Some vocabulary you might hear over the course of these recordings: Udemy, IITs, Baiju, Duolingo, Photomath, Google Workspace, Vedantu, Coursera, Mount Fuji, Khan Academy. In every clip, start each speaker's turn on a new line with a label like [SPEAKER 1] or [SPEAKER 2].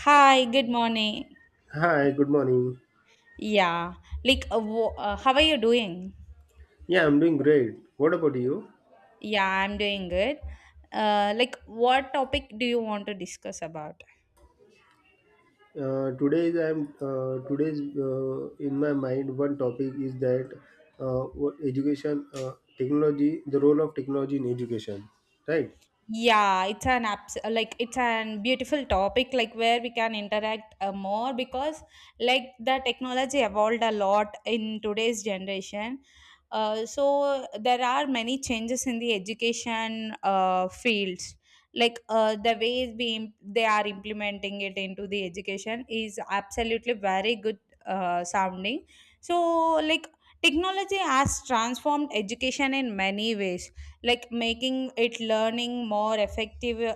[SPEAKER 1] Hi, good morning.
[SPEAKER 2] Hi, good morning.
[SPEAKER 1] Yeah, how are you doing?
[SPEAKER 2] Yeah, I'm doing great. What about you?
[SPEAKER 1] Yeah, I'm doing good. What topic do you want to discuss about?
[SPEAKER 2] Today's in my mind, one topic is that what education technology, the role of technology in education, right?
[SPEAKER 1] Yeah, it's an beautiful topic like where we can interact more because like the technology evolved a lot in today's generation. So there are many changes in the education fields. Like they are implementing it into the education is absolutely very good sounding. So like technology has transformed education in many ways, like making it learning more effective,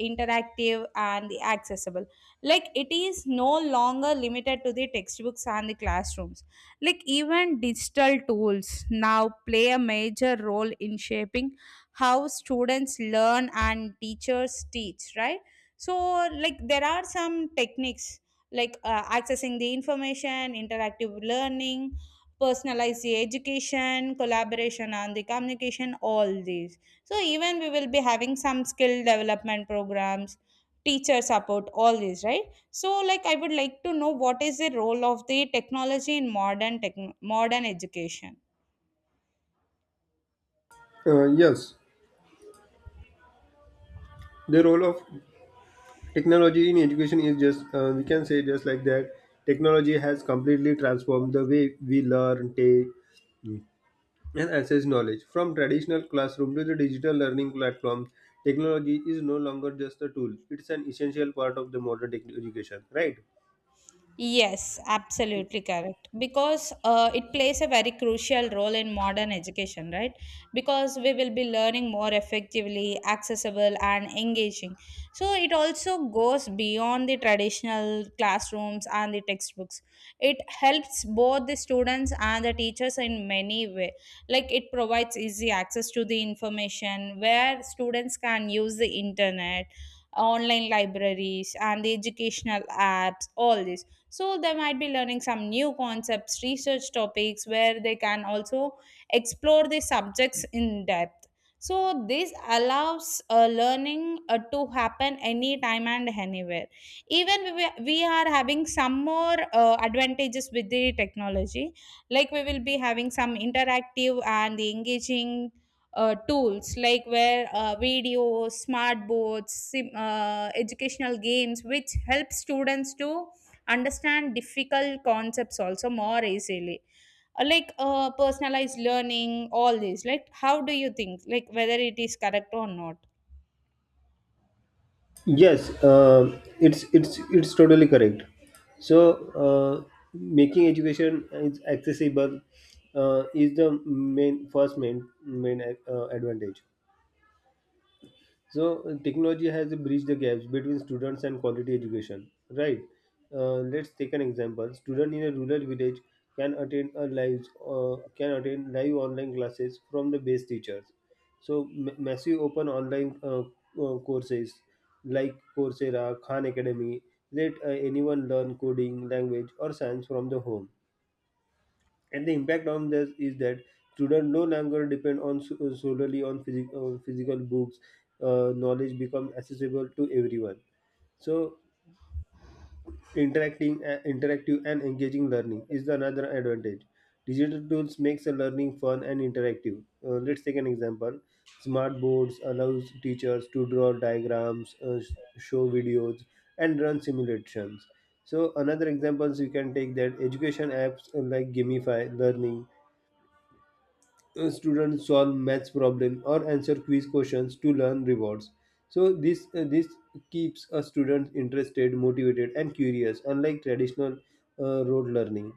[SPEAKER 1] interactive, and the accessible. Like it is no longer limited to the textbooks and the classrooms. Like even digital tools now play a major role in shaping how students learn and teachers teach, right? So like there are some techniques, like accessing the information, interactive learning, personalized education, collaboration, and the communication, all these. So even we will be having some skill development programs, teacher support, all these, right? So like I would like to know, what is the role of the technology in modern tech modern education?
[SPEAKER 2] Yes, the role of technology in education is just we can say just like that. Technology has completely transformed the way we learn, take, and access knowledge. From traditional classroom to the digital learning platforms, technology is no longer just a tool. It's an essential part of the modern education, right?
[SPEAKER 1] Yes, absolutely correct. Because it plays a very crucial role in modern education, right? Because we will be learning more effectively, accessible, and engaging. So it also goes beyond the traditional classrooms and the textbooks. It helps both the students and the teachers in many ways. Like it provides easy access to the information, where students can use the internet, online libraries, and the educational apps, all this, so they might be learning some new concepts, research topics, where they can also explore the subjects in depth. So this allows learning to happen anytime and anywhere. Even we are having some more advantages with the technology. Like we will be having some interactive and engaging tools, like where videos, smart boards, educational games, which help students to understand difficult concepts also more easily. Personalized learning, all these, like how do you think, like whether it is correct or not?
[SPEAKER 2] Yes, it's totally correct. So, uh, making education is accessible, is the main first main main advantage. So, technology has bridged the gaps between students and quality education, right? Let's take an example. Student in a rural village can attend a live can attend live online classes from the best teachers. So massive open online, courses like Coursera, Khan Academy let anyone learn coding, language, or science from the home, and the impact on this is that students no longer depend solely on, on physical books. Knowledge becomes accessible to everyone. So interacting interactive and engaging learning is another advantage. Digital tools makes the learning fun and interactive. Let's take an example. Smart boards allows teachers to draw diagrams, show videos, and run simulations. So another examples you can take that education apps, like gamify learning. Students solve maths problem or answer quiz questions to learn rewards. So this keeps a student interested, motivated, and curious, unlike traditional, road learning.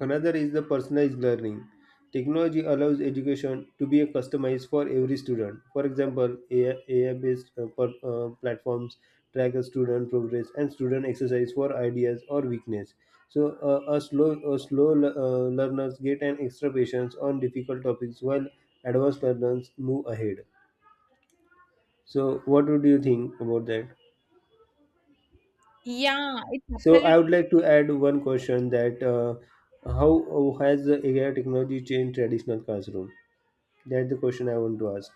[SPEAKER 2] Another is the personalized learning. Technology allows education to be customized for every student. For example, AI based platforms track a student progress and student exercise for ideas or weakness. So, a slow learners get an extra patience on difficult topics while advanced learners move ahead. So, what would you think about that?
[SPEAKER 1] Yeah, it's
[SPEAKER 2] So, I
[SPEAKER 1] absolutely.
[SPEAKER 2] would like to add one question, that how has the AI technology changed traditional classroom? That's the question I want to ask.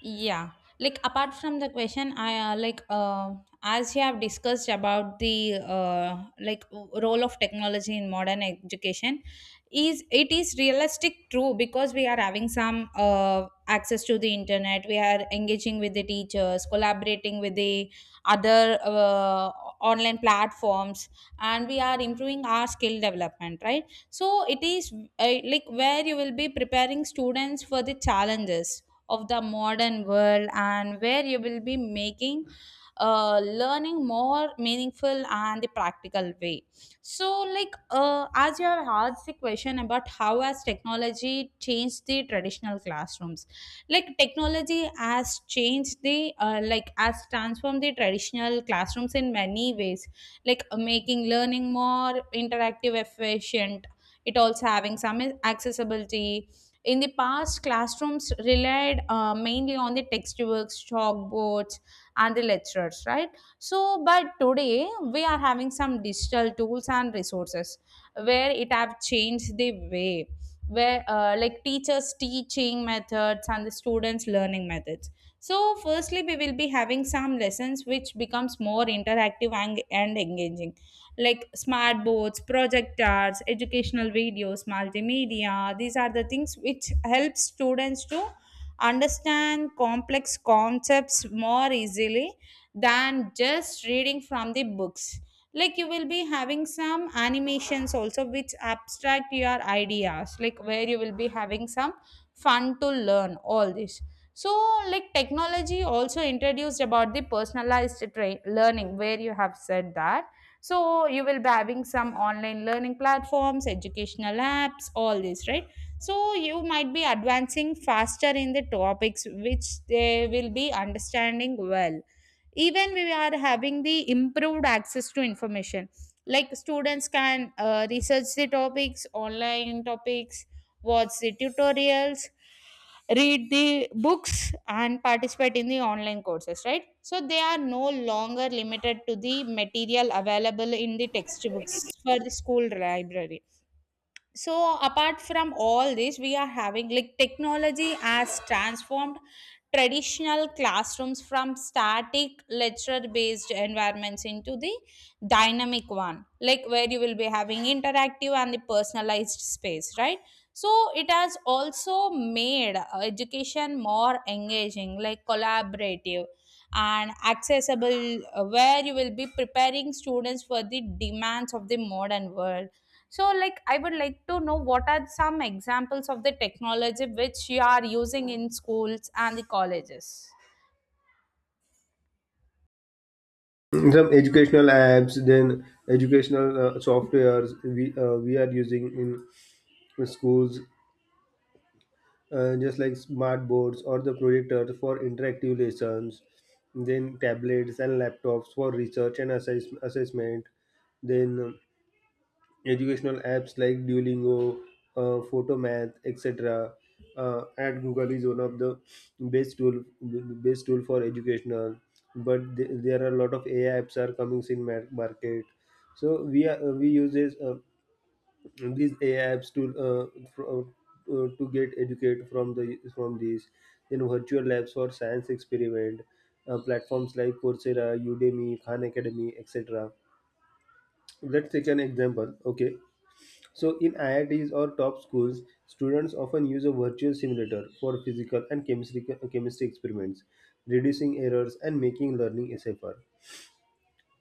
[SPEAKER 1] Yeah, like apart from the question, I like as you have discussed about the like role of technology in modern education, is it is realistic true? Because we are having some access to the internet, we are engaging with the teachers, collaborating with the other online platforms, and we are improving our skill development, right? So it is like where you will be preparing students for the challenges of the modern world, and where you will be making learning more meaningful and the practical way. So like, as you have asked the question about how has technology changed the traditional classrooms, like technology has changed the has transformed the traditional classrooms in many ways, like making learning more interactive, efficient. It also having some accessibility. In the past, classrooms relied mainly on the textbooks, chalkboards, and the lectures, right? So, but today we are having some digital tools and resources where it have changed the way, where like teachers teaching methods and the students learning methods. So firstly we will be having some lessons which becomes more interactive and engaging, like smart boards, projectors, educational videos, multimedia. These are the things which help students to understand complex concepts more easily than just reading from the books. Like you will be having some animations also which abstract your ideas, like where you will be having some fun to learn, all this. So like, technology also introduced about the personalized learning where you have said that. So you will be having some online learning platforms, educational apps, all this, right? So you might be advancing faster in the topics which they will be understanding well. Even we are having the improved access to information. Like students can research the topics online, topics, watch the tutorials, read the books, and participate in the online courses, right? So they are no longer limited to the material available in the textbooks for the school library. So apart from all this, we are having, like, technology has transformed traditional classrooms from static lecture based environments into the dynamic one, like where you will be having interactive and the personalized space, right? So it has also made education more engaging, like collaborative and accessible, where you will be preparing students for the demands of the modern world. So like, I would like to know, what are some examples of the technology which you are using in schools and the colleges?
[SPEAKER 2] Some educational apps, then educational softwares we are using in schools, just like smart boards or the projectors for interactive lessons, then tablets and laptops for research and assessment, then educational apps like Duolingo, Photomath, etc. At Google is one of the best tool for educational. But there are a lot of AI apps are coming in market. So we use these AI apps to fro- to get educate from the from these. Then virtual labs for science experiment, platforms like Coursera, Udemy, Khan Academy, etc. Let's take an example. Okay, so, in IITs or top schools, students often use a virtual simulator for physical and chemistry experiments, reducing errors and making learning safer.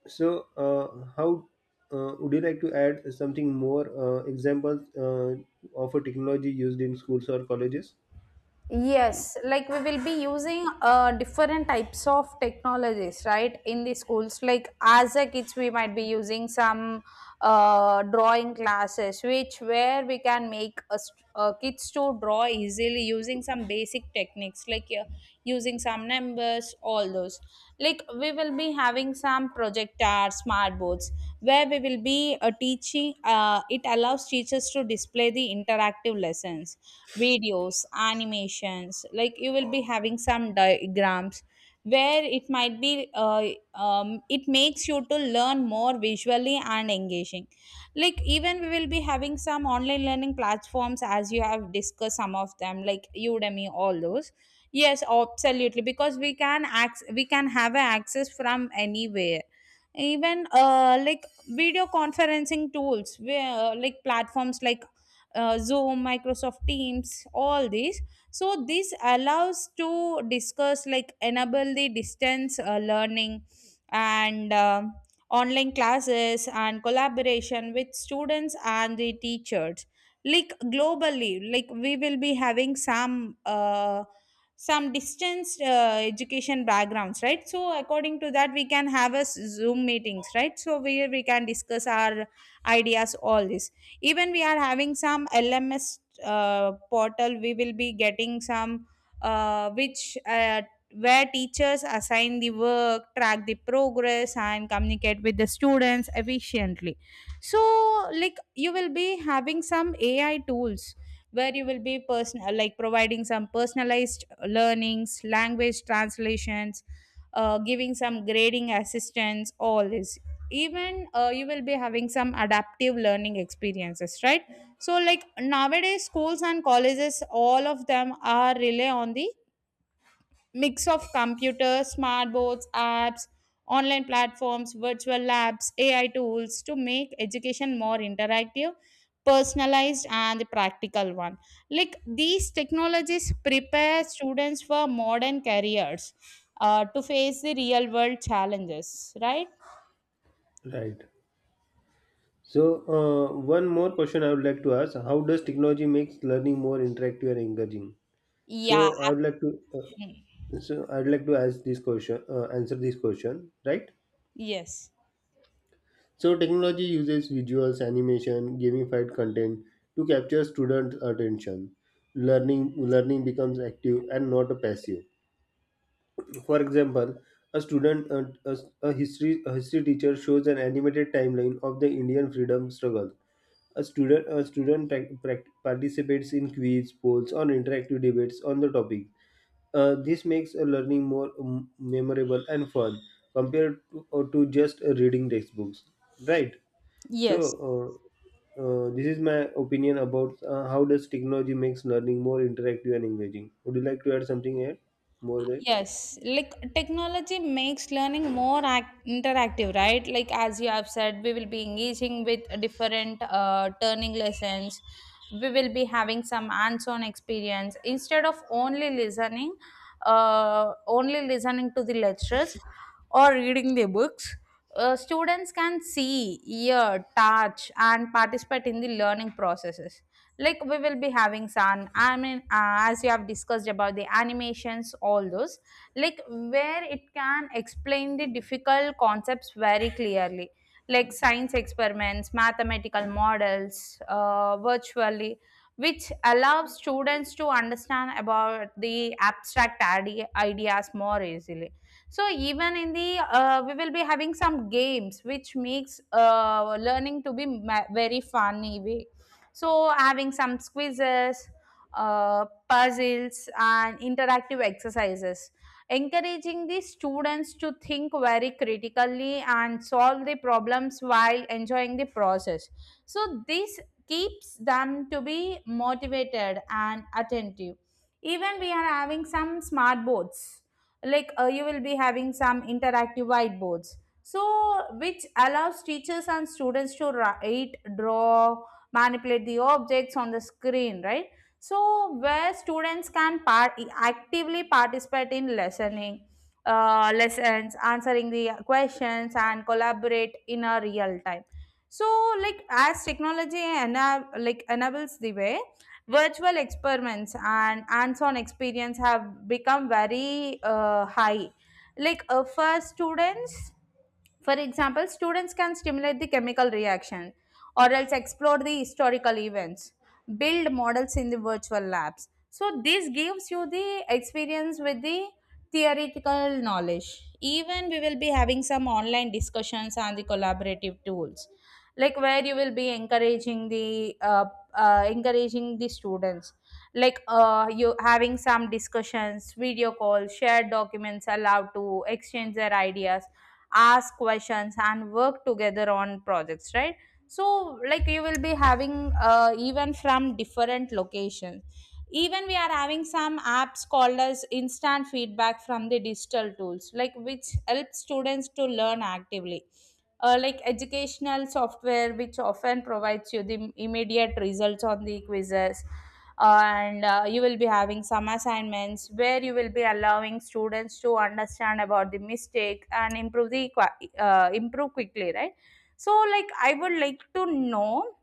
[SPEAKER 2] So, how would you like to add something more, examples, of a technology used in schools or colleges?
[SPEAKER 1] Yes, like we will be using different types of technologies, right, in the schools. Like as a kids, we might be using some drawing classes, which where we can make a kids to draw easily using some basic techniques, like using some numbers, all those. Like we will be having some projector, smart boards, where we will be teaching. It allows teachers to display the interactive lessons, videos, animations. Like you will be having some diagrams where it might be it makes you to learn more visually and engaging. Like even we will be having some online learning platforms, as you have discussed some of them like Udemy, all those. Yes, absolutely, because we can we can have a access from anywhere. Even like video conferencing tools, where like platforms like Zoom, Microsoft Teams, all these. So this allows to discuss, like enable the distance learning and online classes and collaboration with students and the teachers, like globally. Like we will be having some distance education backgrounds, right? So according to that we can have a Zoom meetings, right? So where we can discuss our ideas, all this. Even we are having some LMS portal, we will be getting some which where teachers assign the work, track the progress, and communicate with the students efficiently. So like you will be having some AI tools where you will be personal like providing some personalized learnings, language translations, giving some grading assistance, all this. Even you will be having some adaptive learning experiences, right? So like, nowadays schools and colleges all of them are rely on the mix of computers, smart boards, apps, online platforms, virtual labs, AI tools to make education more interactive, personalized, and the practical one. Like these technologies prepare students for modern careers, to face the real world challenges, right?
[SPEAKER 2] Right. So, one more question I would like to ask: how does technology makes learning more interactive and engaging?
[SPEAKER 1] yeah ab-
[SPEAKER 2] So I would like to answer this question, right?
[SPEAKER 1] yes.
[SPEAKER 2] So technology uses visuals, animation, gamified content to capture students' attention. Learning becomes active and not a passive. For example, a student a, a history teacher shows an animated timeline of the Indian freedom struggle. A student participates in quiz, polls, or interactive debates on the topic. This makes a learning more, memorable and fun compared to, or to just, reading textbooks. Right? So,
[SPEAKER 1] Yes,
[SPEAKER 2] this is my opinion about how does technology makes learning more interactive and engaging. Would you like to add something here? More that?
[SPEAKER 1] yes. Like technology makes learning more interactive, right? Like as you have said, we will be engaging with different turning lessons. We will be having some hands-on experience instead of only listening to the lectures or reading the books. Students can see, hear, touch, and participate in the learning processes. Like we will be having some, as you have discussed about the animations, all those, like where it can explain the difficult concepts very clearly, like science experiments, mathematical models, virtually, which allows students to understand about the abstract ideas more easily. So even in the we will be having some games which makes learning to be very funny way. So, having some quizzes, puzzles, and interactive exercises, encouraging the students to think very critically and solve the problems while enjoying the process. So, this keeps them to be motivated and attentive. Even we are having some smart boards, like you will be having some interactive whiteboards, so which allows teachers and students to write, draw, manipulate the objects on the screen, right? So, where students can actively participate in lessons, answering the questions, and collaborate in a real time. So, as technology enables the way, virtual experiments and hands-on experience have become very high for students. For example, students can stimulate the chemical reaction or else explore the historical events, build models in the virtual labs. So this gives you the experience with the theoretical knowledge. Even we will be having some online discussions on the collaborative tools, like where you will be encouraging the students, you having some discussions, video calls, shared documents allowed to exchange their ideas, ask questions, and work together on projects, right? So like you will be having, even from different locations. Even we are having some apps called as instant feedback from the digital tools, like which help students to learn actively. Like educational software, which often provides you the immediate results on the quizzes, and you will be having some assignments where you will be allowing students to understand about the mistake and improve improve quickly, right? So like I would like to know,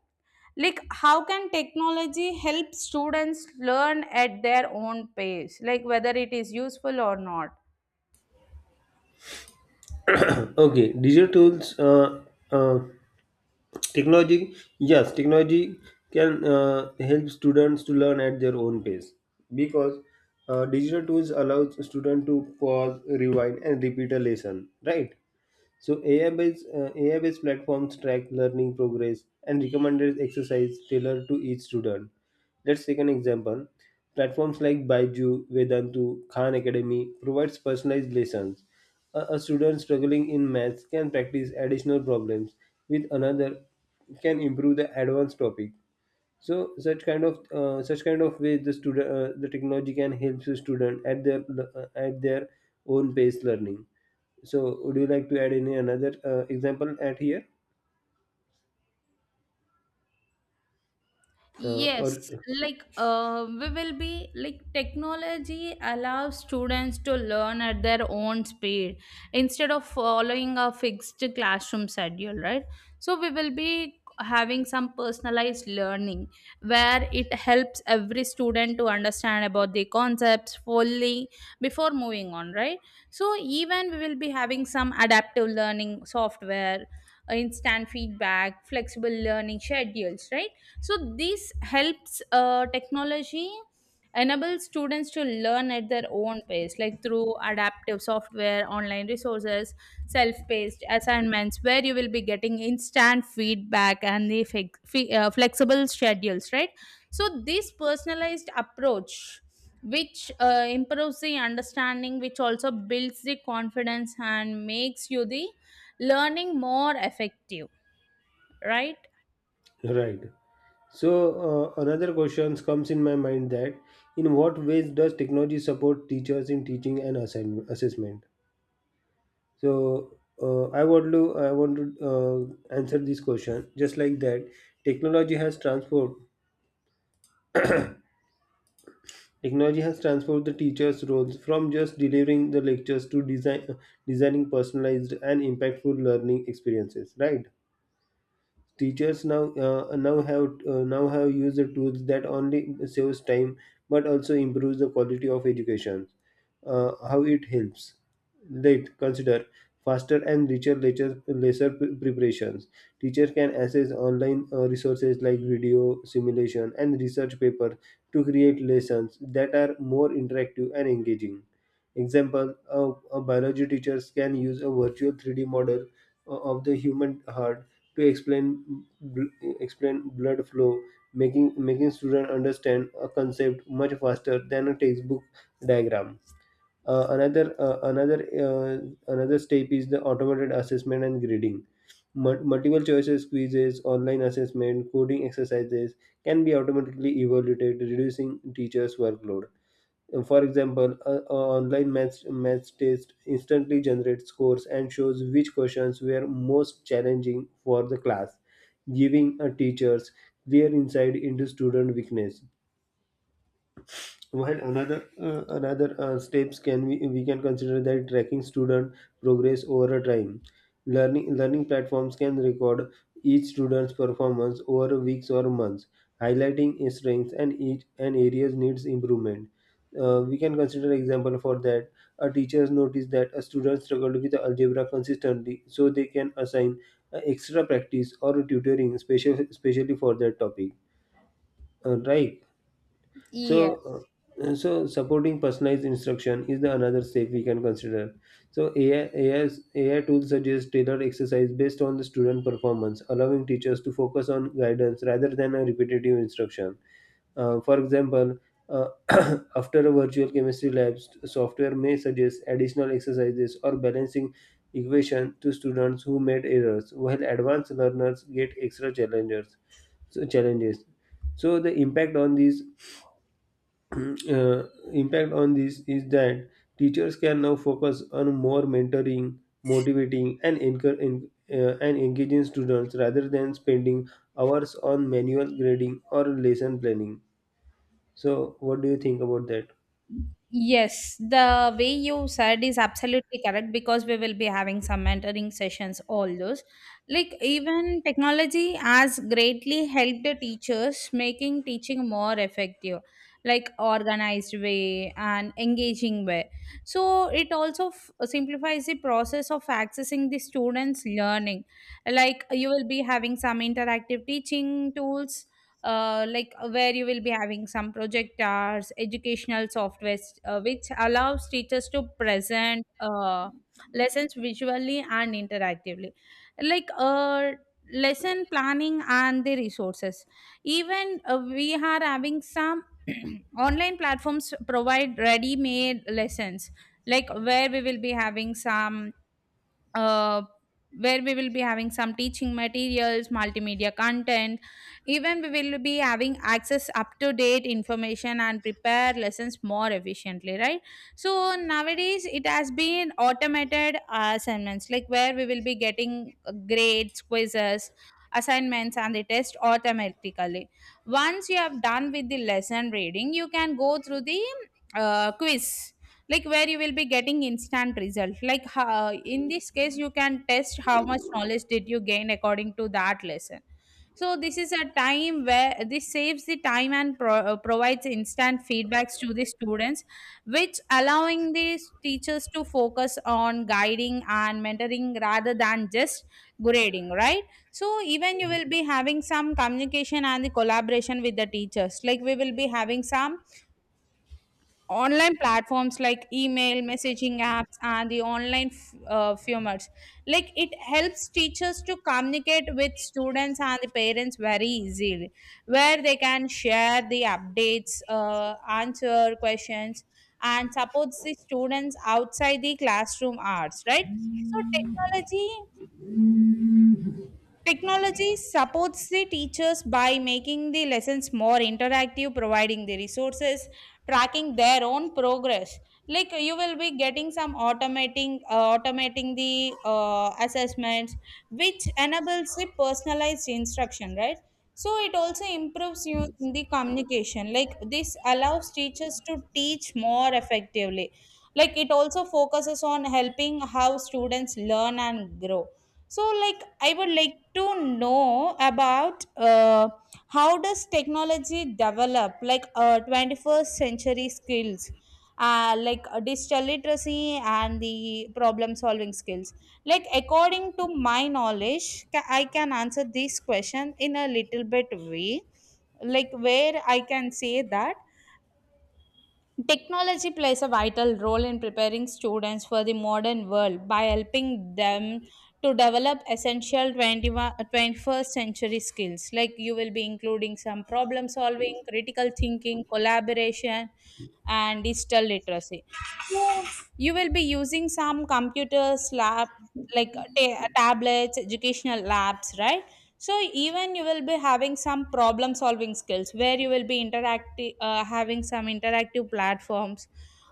[SPEAKER 1] like how can technology help students learn at their own pace, like whether it is useful or not.
[SPEAKER 2] Okay, digital tools, uh, technology. Yes, technology can help students to learn at their own pace, because digital tools allows student to pause, rewind, and repeat a lesson. Right. So AI-based platforms track learning progress and recommended exercise tailored to each student. Let's take an example. Platforms like Baiju, Vedantu, Khan Academy provides personalized lessons. A student struggling in maths can practice additional problems with another can improve the advanced topic. So such kind of way, the technology can help the student at their own pace learning. So would you like to add any another example at here, or
[SPEAKER 1] Yes, like we will be like technology allows students to learn at their own speed instead of following a fixed classroom schedule, right? So we will be having some personalized learning where it helps every student to understand about the concepts fully before moving on, right? So even we will be having some adaptive learning software, instant feedback, flexible learning schedules, right? So this helps, technology enable students to learn at their own pace, like through adaptive software, online resources, self-paced assignments where you will be getting instant feedback and flexible schedules, right? So this personalized approach, which improves the understanding, which also builds the confidence and makes you the learning more effective, right?
[SPEAKER 2] right? So, another question comes in my mind: that in what ways does technology support teachers in teaching and assessment? So, I want to answer this question just like that. Technology has transformed Technology has transformed the teachers' roles from just delivering the lectures to designing personalized and impactful learning experiences, right? Teachers now have used the tools that only saves time but also improves the quality of education. How it helps. Let consider faster and richer lecture lesser preparations. Teachers can access online, resources like video simulation and research paper to create lessons that are more interactive and engaging. Example: a biology teachers can use a virtual 3D model, of the human heart to explain, explain blood flow, making students understand a concept much faster than a textbook diagram. Uh, another uh, another Another step is the automated assessment and grading. Multiple choices quizzes, online assessment, coding exercises can be automatically evaluated, reducing teachers' workload. For example, online maths test instantly generates scores and shows which questions were most challenging for the class, giving a teachers clear insight into student weakness. While another another steps can we can consider that tracking student progress over a time. Learning platforms can record each student's performance over weeks or months, highlighting his strengths and each and areas needs improvement. We can consider example for that. A teacher noticed that a student struggled with algebra consistently, so they can assign, extra practice or tutoring especially for that topic. Right. So,
[SPEAKER 1] Yes.
[SPEAKER 2] so supporting personalized instruction is the another step we can consider. So AI's, ai tools suggest tailored exercise based on the student performance, allowing teachers to focus on guidance rather than a repetitive instruction, for example, uh, after a virtual chemistry lab, software may suggest additional exercises or balancing equation to students who made errors, while advanced learners get extra challenges. so challenges so the uh, impact on this is that teachers can now focus on more mentoring, motivating, and engaging students rather than spending hours on manual grading or lesson planning. So, what do you think about that?
[SPEAKER 1] Yes, the way you said is absolutely correct because we will be having some mentoring sessions, all those. Like, even technology has greatly helped the teachers, making teaching more effective, like organized way and engaging way. So, it also simplifies the process of accessing the students' learning. Like, you will be having some interactive teaching tools, where you will be having some project hours, educational software, which allows teachers to present lessons visually and interactively. Like uh, Lesson planning and the resources. Even we are having some online platforms provide ready-made lessons, like where we will be having some, uh, teaching materials, multimedia content. Even we will be having access up to date information and prepare lessons more efficiently, right? So nowadays it has been automated assignments, like where we will be getting grades, quizzes, assignments, and the test automatically. Once you have done with the lesson reading, you can go through the quiz, like where you will be getting instant result. Like how, in this case you can test how much knowledge did you gain according to that lesson. So this is a time where this saves the time and provides instant feedbacks to the students, which allowing these teachers to focus on guiding and mentoring rather than just grading, right? So even you will be having some communication and the collaboration with the teachers. Like we will be having some online platforms like email, messaging apps, and the formats, like it helps teachers to communicate with students and the parents very easily, where they can share the updates, answer questions, and supports the students outside the classroom hours, right? so technology Technology supports the teachers by making the lessons more interactive, providing the resources, tracking their own progress. Like you will be getting some automating the assessments, which enables the personalized instruction, right? So it also improves you in the communication. Like this allows teachers to teach more effectively. Like it also focuses on helping how students learn and grow. So like I would like to know about, how does technology develop, 21st century skills, digital literacy and the problem solving skills. Like according to my knowledge, I can answer this question in a little bit way, like where I can say that technology plays a vital role in preparing students for the modern world by helping them to develop essential 21 uh, 21st century skills. Like you will be including some problem solving, critical thinking, collaboration, and digital literacy. So you will be using some computers, lab, tablets, educational labs, right? So even you will be having some problem solving skills where you will be interacting having some interactive platforms,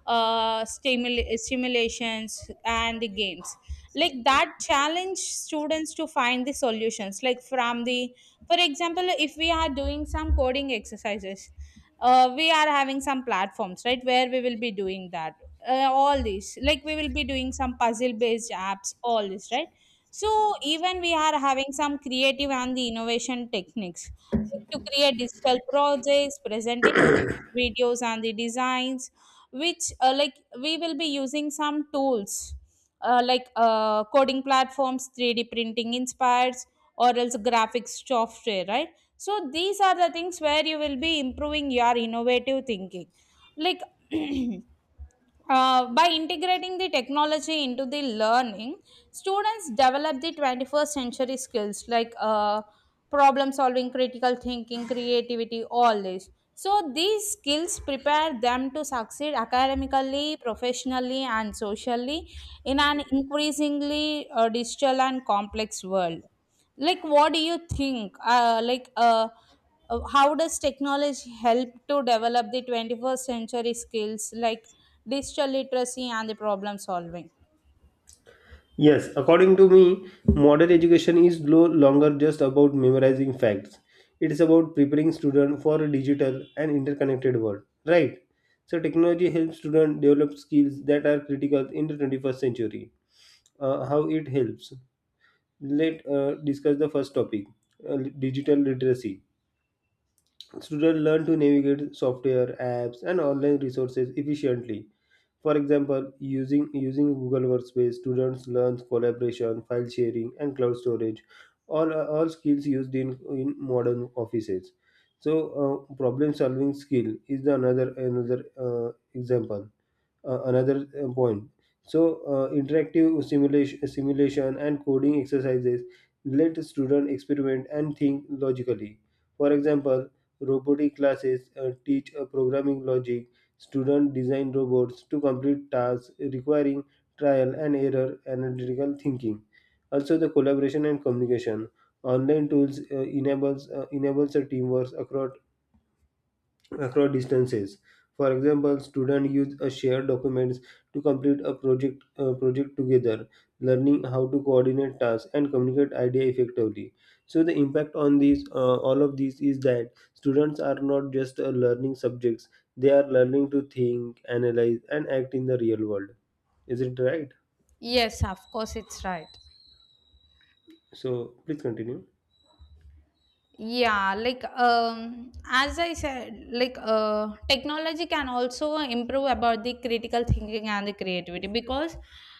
[SPEAKER 1] stimulations, and the games like that challenge students to find the solutions, like from the, for example, if we are doing some coding exercises, we are having some platforms, right, where we will be doing that. All these, like we will be doing some puzzle based apps, all this, right? So even we are having some creative and the innovation techniques, like to create digital projects, presenting videos and the designs, which like, we will be using some tools, coding platforms, 3D printing inspires, or else graphics software, right? So these are the things where you will be improving your innovative thinking, like. By integrating the technology into the learning, students develop the 21st century skills like, problem solving, critical thinking, creativity, all this. So, these skills prepare them to succeed academically, professionally, and socially in an increasingly digital and complex world. Like what do you think, how does technology help to develop the 21st century skills like digital literacy and the problem solving?
[SPEAKER 2] Yes, according to me, modern education is no longer just about memorizing facts. It is about preparing students for a digital and interconnected world, right? So technology helps students develop skills that are critical in the 21st century. How it helps. Let discuss the first topic, uh, digital literacy. Students learn to navigate software, apps, and online resources efficiently. For example, using Google Workspace, students learn collaboration, file sharing, and cloud storage, all skills used in modern offices. So, problem solving skill is the another example, another, point. So, interactive simulation and coding exercises let students experiment and think logically. For example, robotic classes teach programming logic. Students design robots to complete tasks requiring trial and error analytical thinking. Also, the collaboration and communication. Online tools enables a teamwork across distances. For example, students use a shared documents to complete a project project together, learning how to coordinate tasks and communicate idea effectively. So the impact on these all of these is that students are not just learning subjects; they are learning to think, analyze, and act in the real world. Is it right?
[SPEAKER 1] Yes, of course, it's right.
[SPEAKER 2] So please continue.
[SPEAKER 1] Yeah, like as I said, technology can also improve about the critical thinking and the creativity because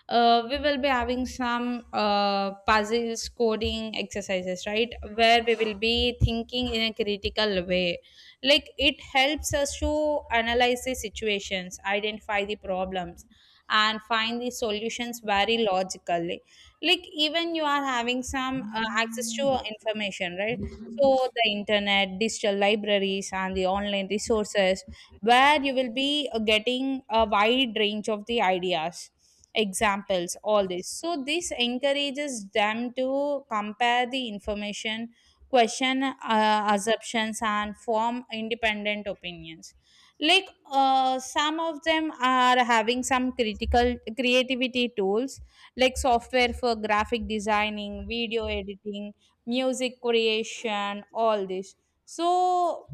[SPEAKER 1] we will be having some puzzles, coding exercises, right? Where we will be thinking in a critical way. Like it helps us to analyze the situations, identify the problems, and find the solutions very logically. Like even you are having some access to information, right? So, the internet, digital libraries, and the online resources, where you will be getting a wide range of the ideas, examples, all this. So, this encourages them to compare the information, question assumptions, and form independent opinions. Some of them are having some critical creativity tools, like software for graphic designing, video editing, music creation, all this. So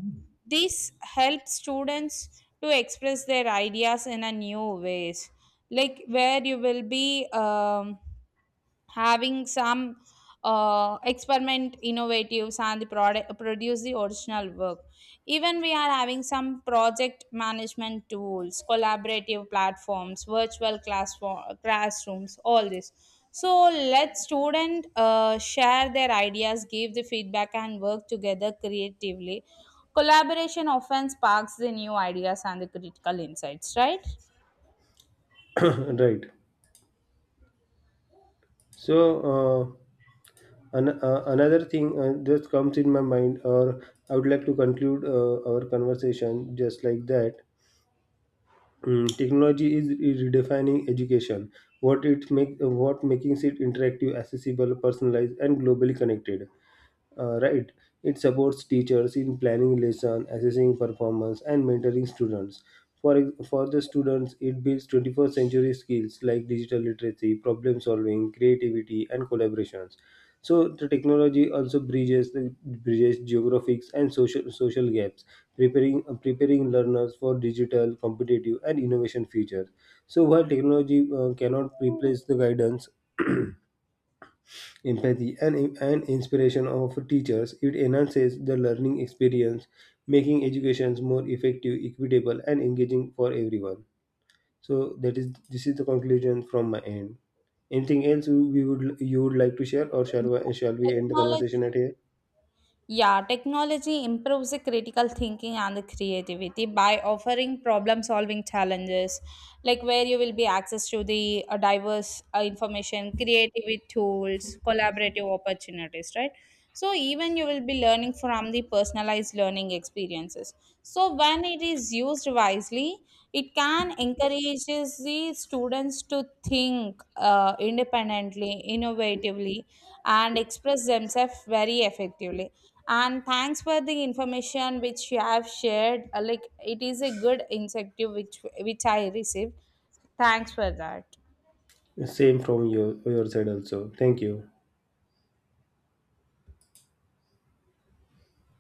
[SPEAKER 1] this helps students to express their ideas in a new ways, like where you will be having some experiment innovatives and the product produce the original work. Even we are having some project management tools, collaborative platforms, virtual classrooms, all this. So let student share their ideas, give the feedback, and work together creatively. Collaboration often sparks the new ideas and the critical insights, right?
[SPEAKER 2] Right. So. Uh, another thing just comes in my mind, or I would like to conclude our conversation just like that. Technology is redefining education. What making it interactive, accessible, personalized, and globally connected. Right. It supports teachers in planning lesson, assessing performance, and mentoring students. For the students, it builds 21st century skills like digital literacy, problem solving, creativity, and collaborations. So the technology also bridges the bridges geographics and social gaps, preparing learners for digital, competitive, and innovation future. So while technology cannot replace the guidance, empathy, and inspiration of teachers. It enhances the learning experience, making educations more effective, equitable, and engaging for everyone. So that is this is the conclusion from my end. Anything else you- we would you would like to share, or shall we end the conversation
[SPEAKER 1] technology
[SPEAKER 2] at here?
[SPEAKER 1] Yeah, technology improves the critical thinking and the creativity by offering problem solving challenges, like where you will be access to the diverse information, creative tools, collaborative opportunities, right? So even you will be learning from the personalized learning experiences. So when it is used wisely, it can encourages the students to think independently, innovatively, and express themselves very effectively. And thanks for the information which you have shared. Like it is a good incentive which I received. Thanks for that.
[SPEAKER 2] Same from your side also. Thank you.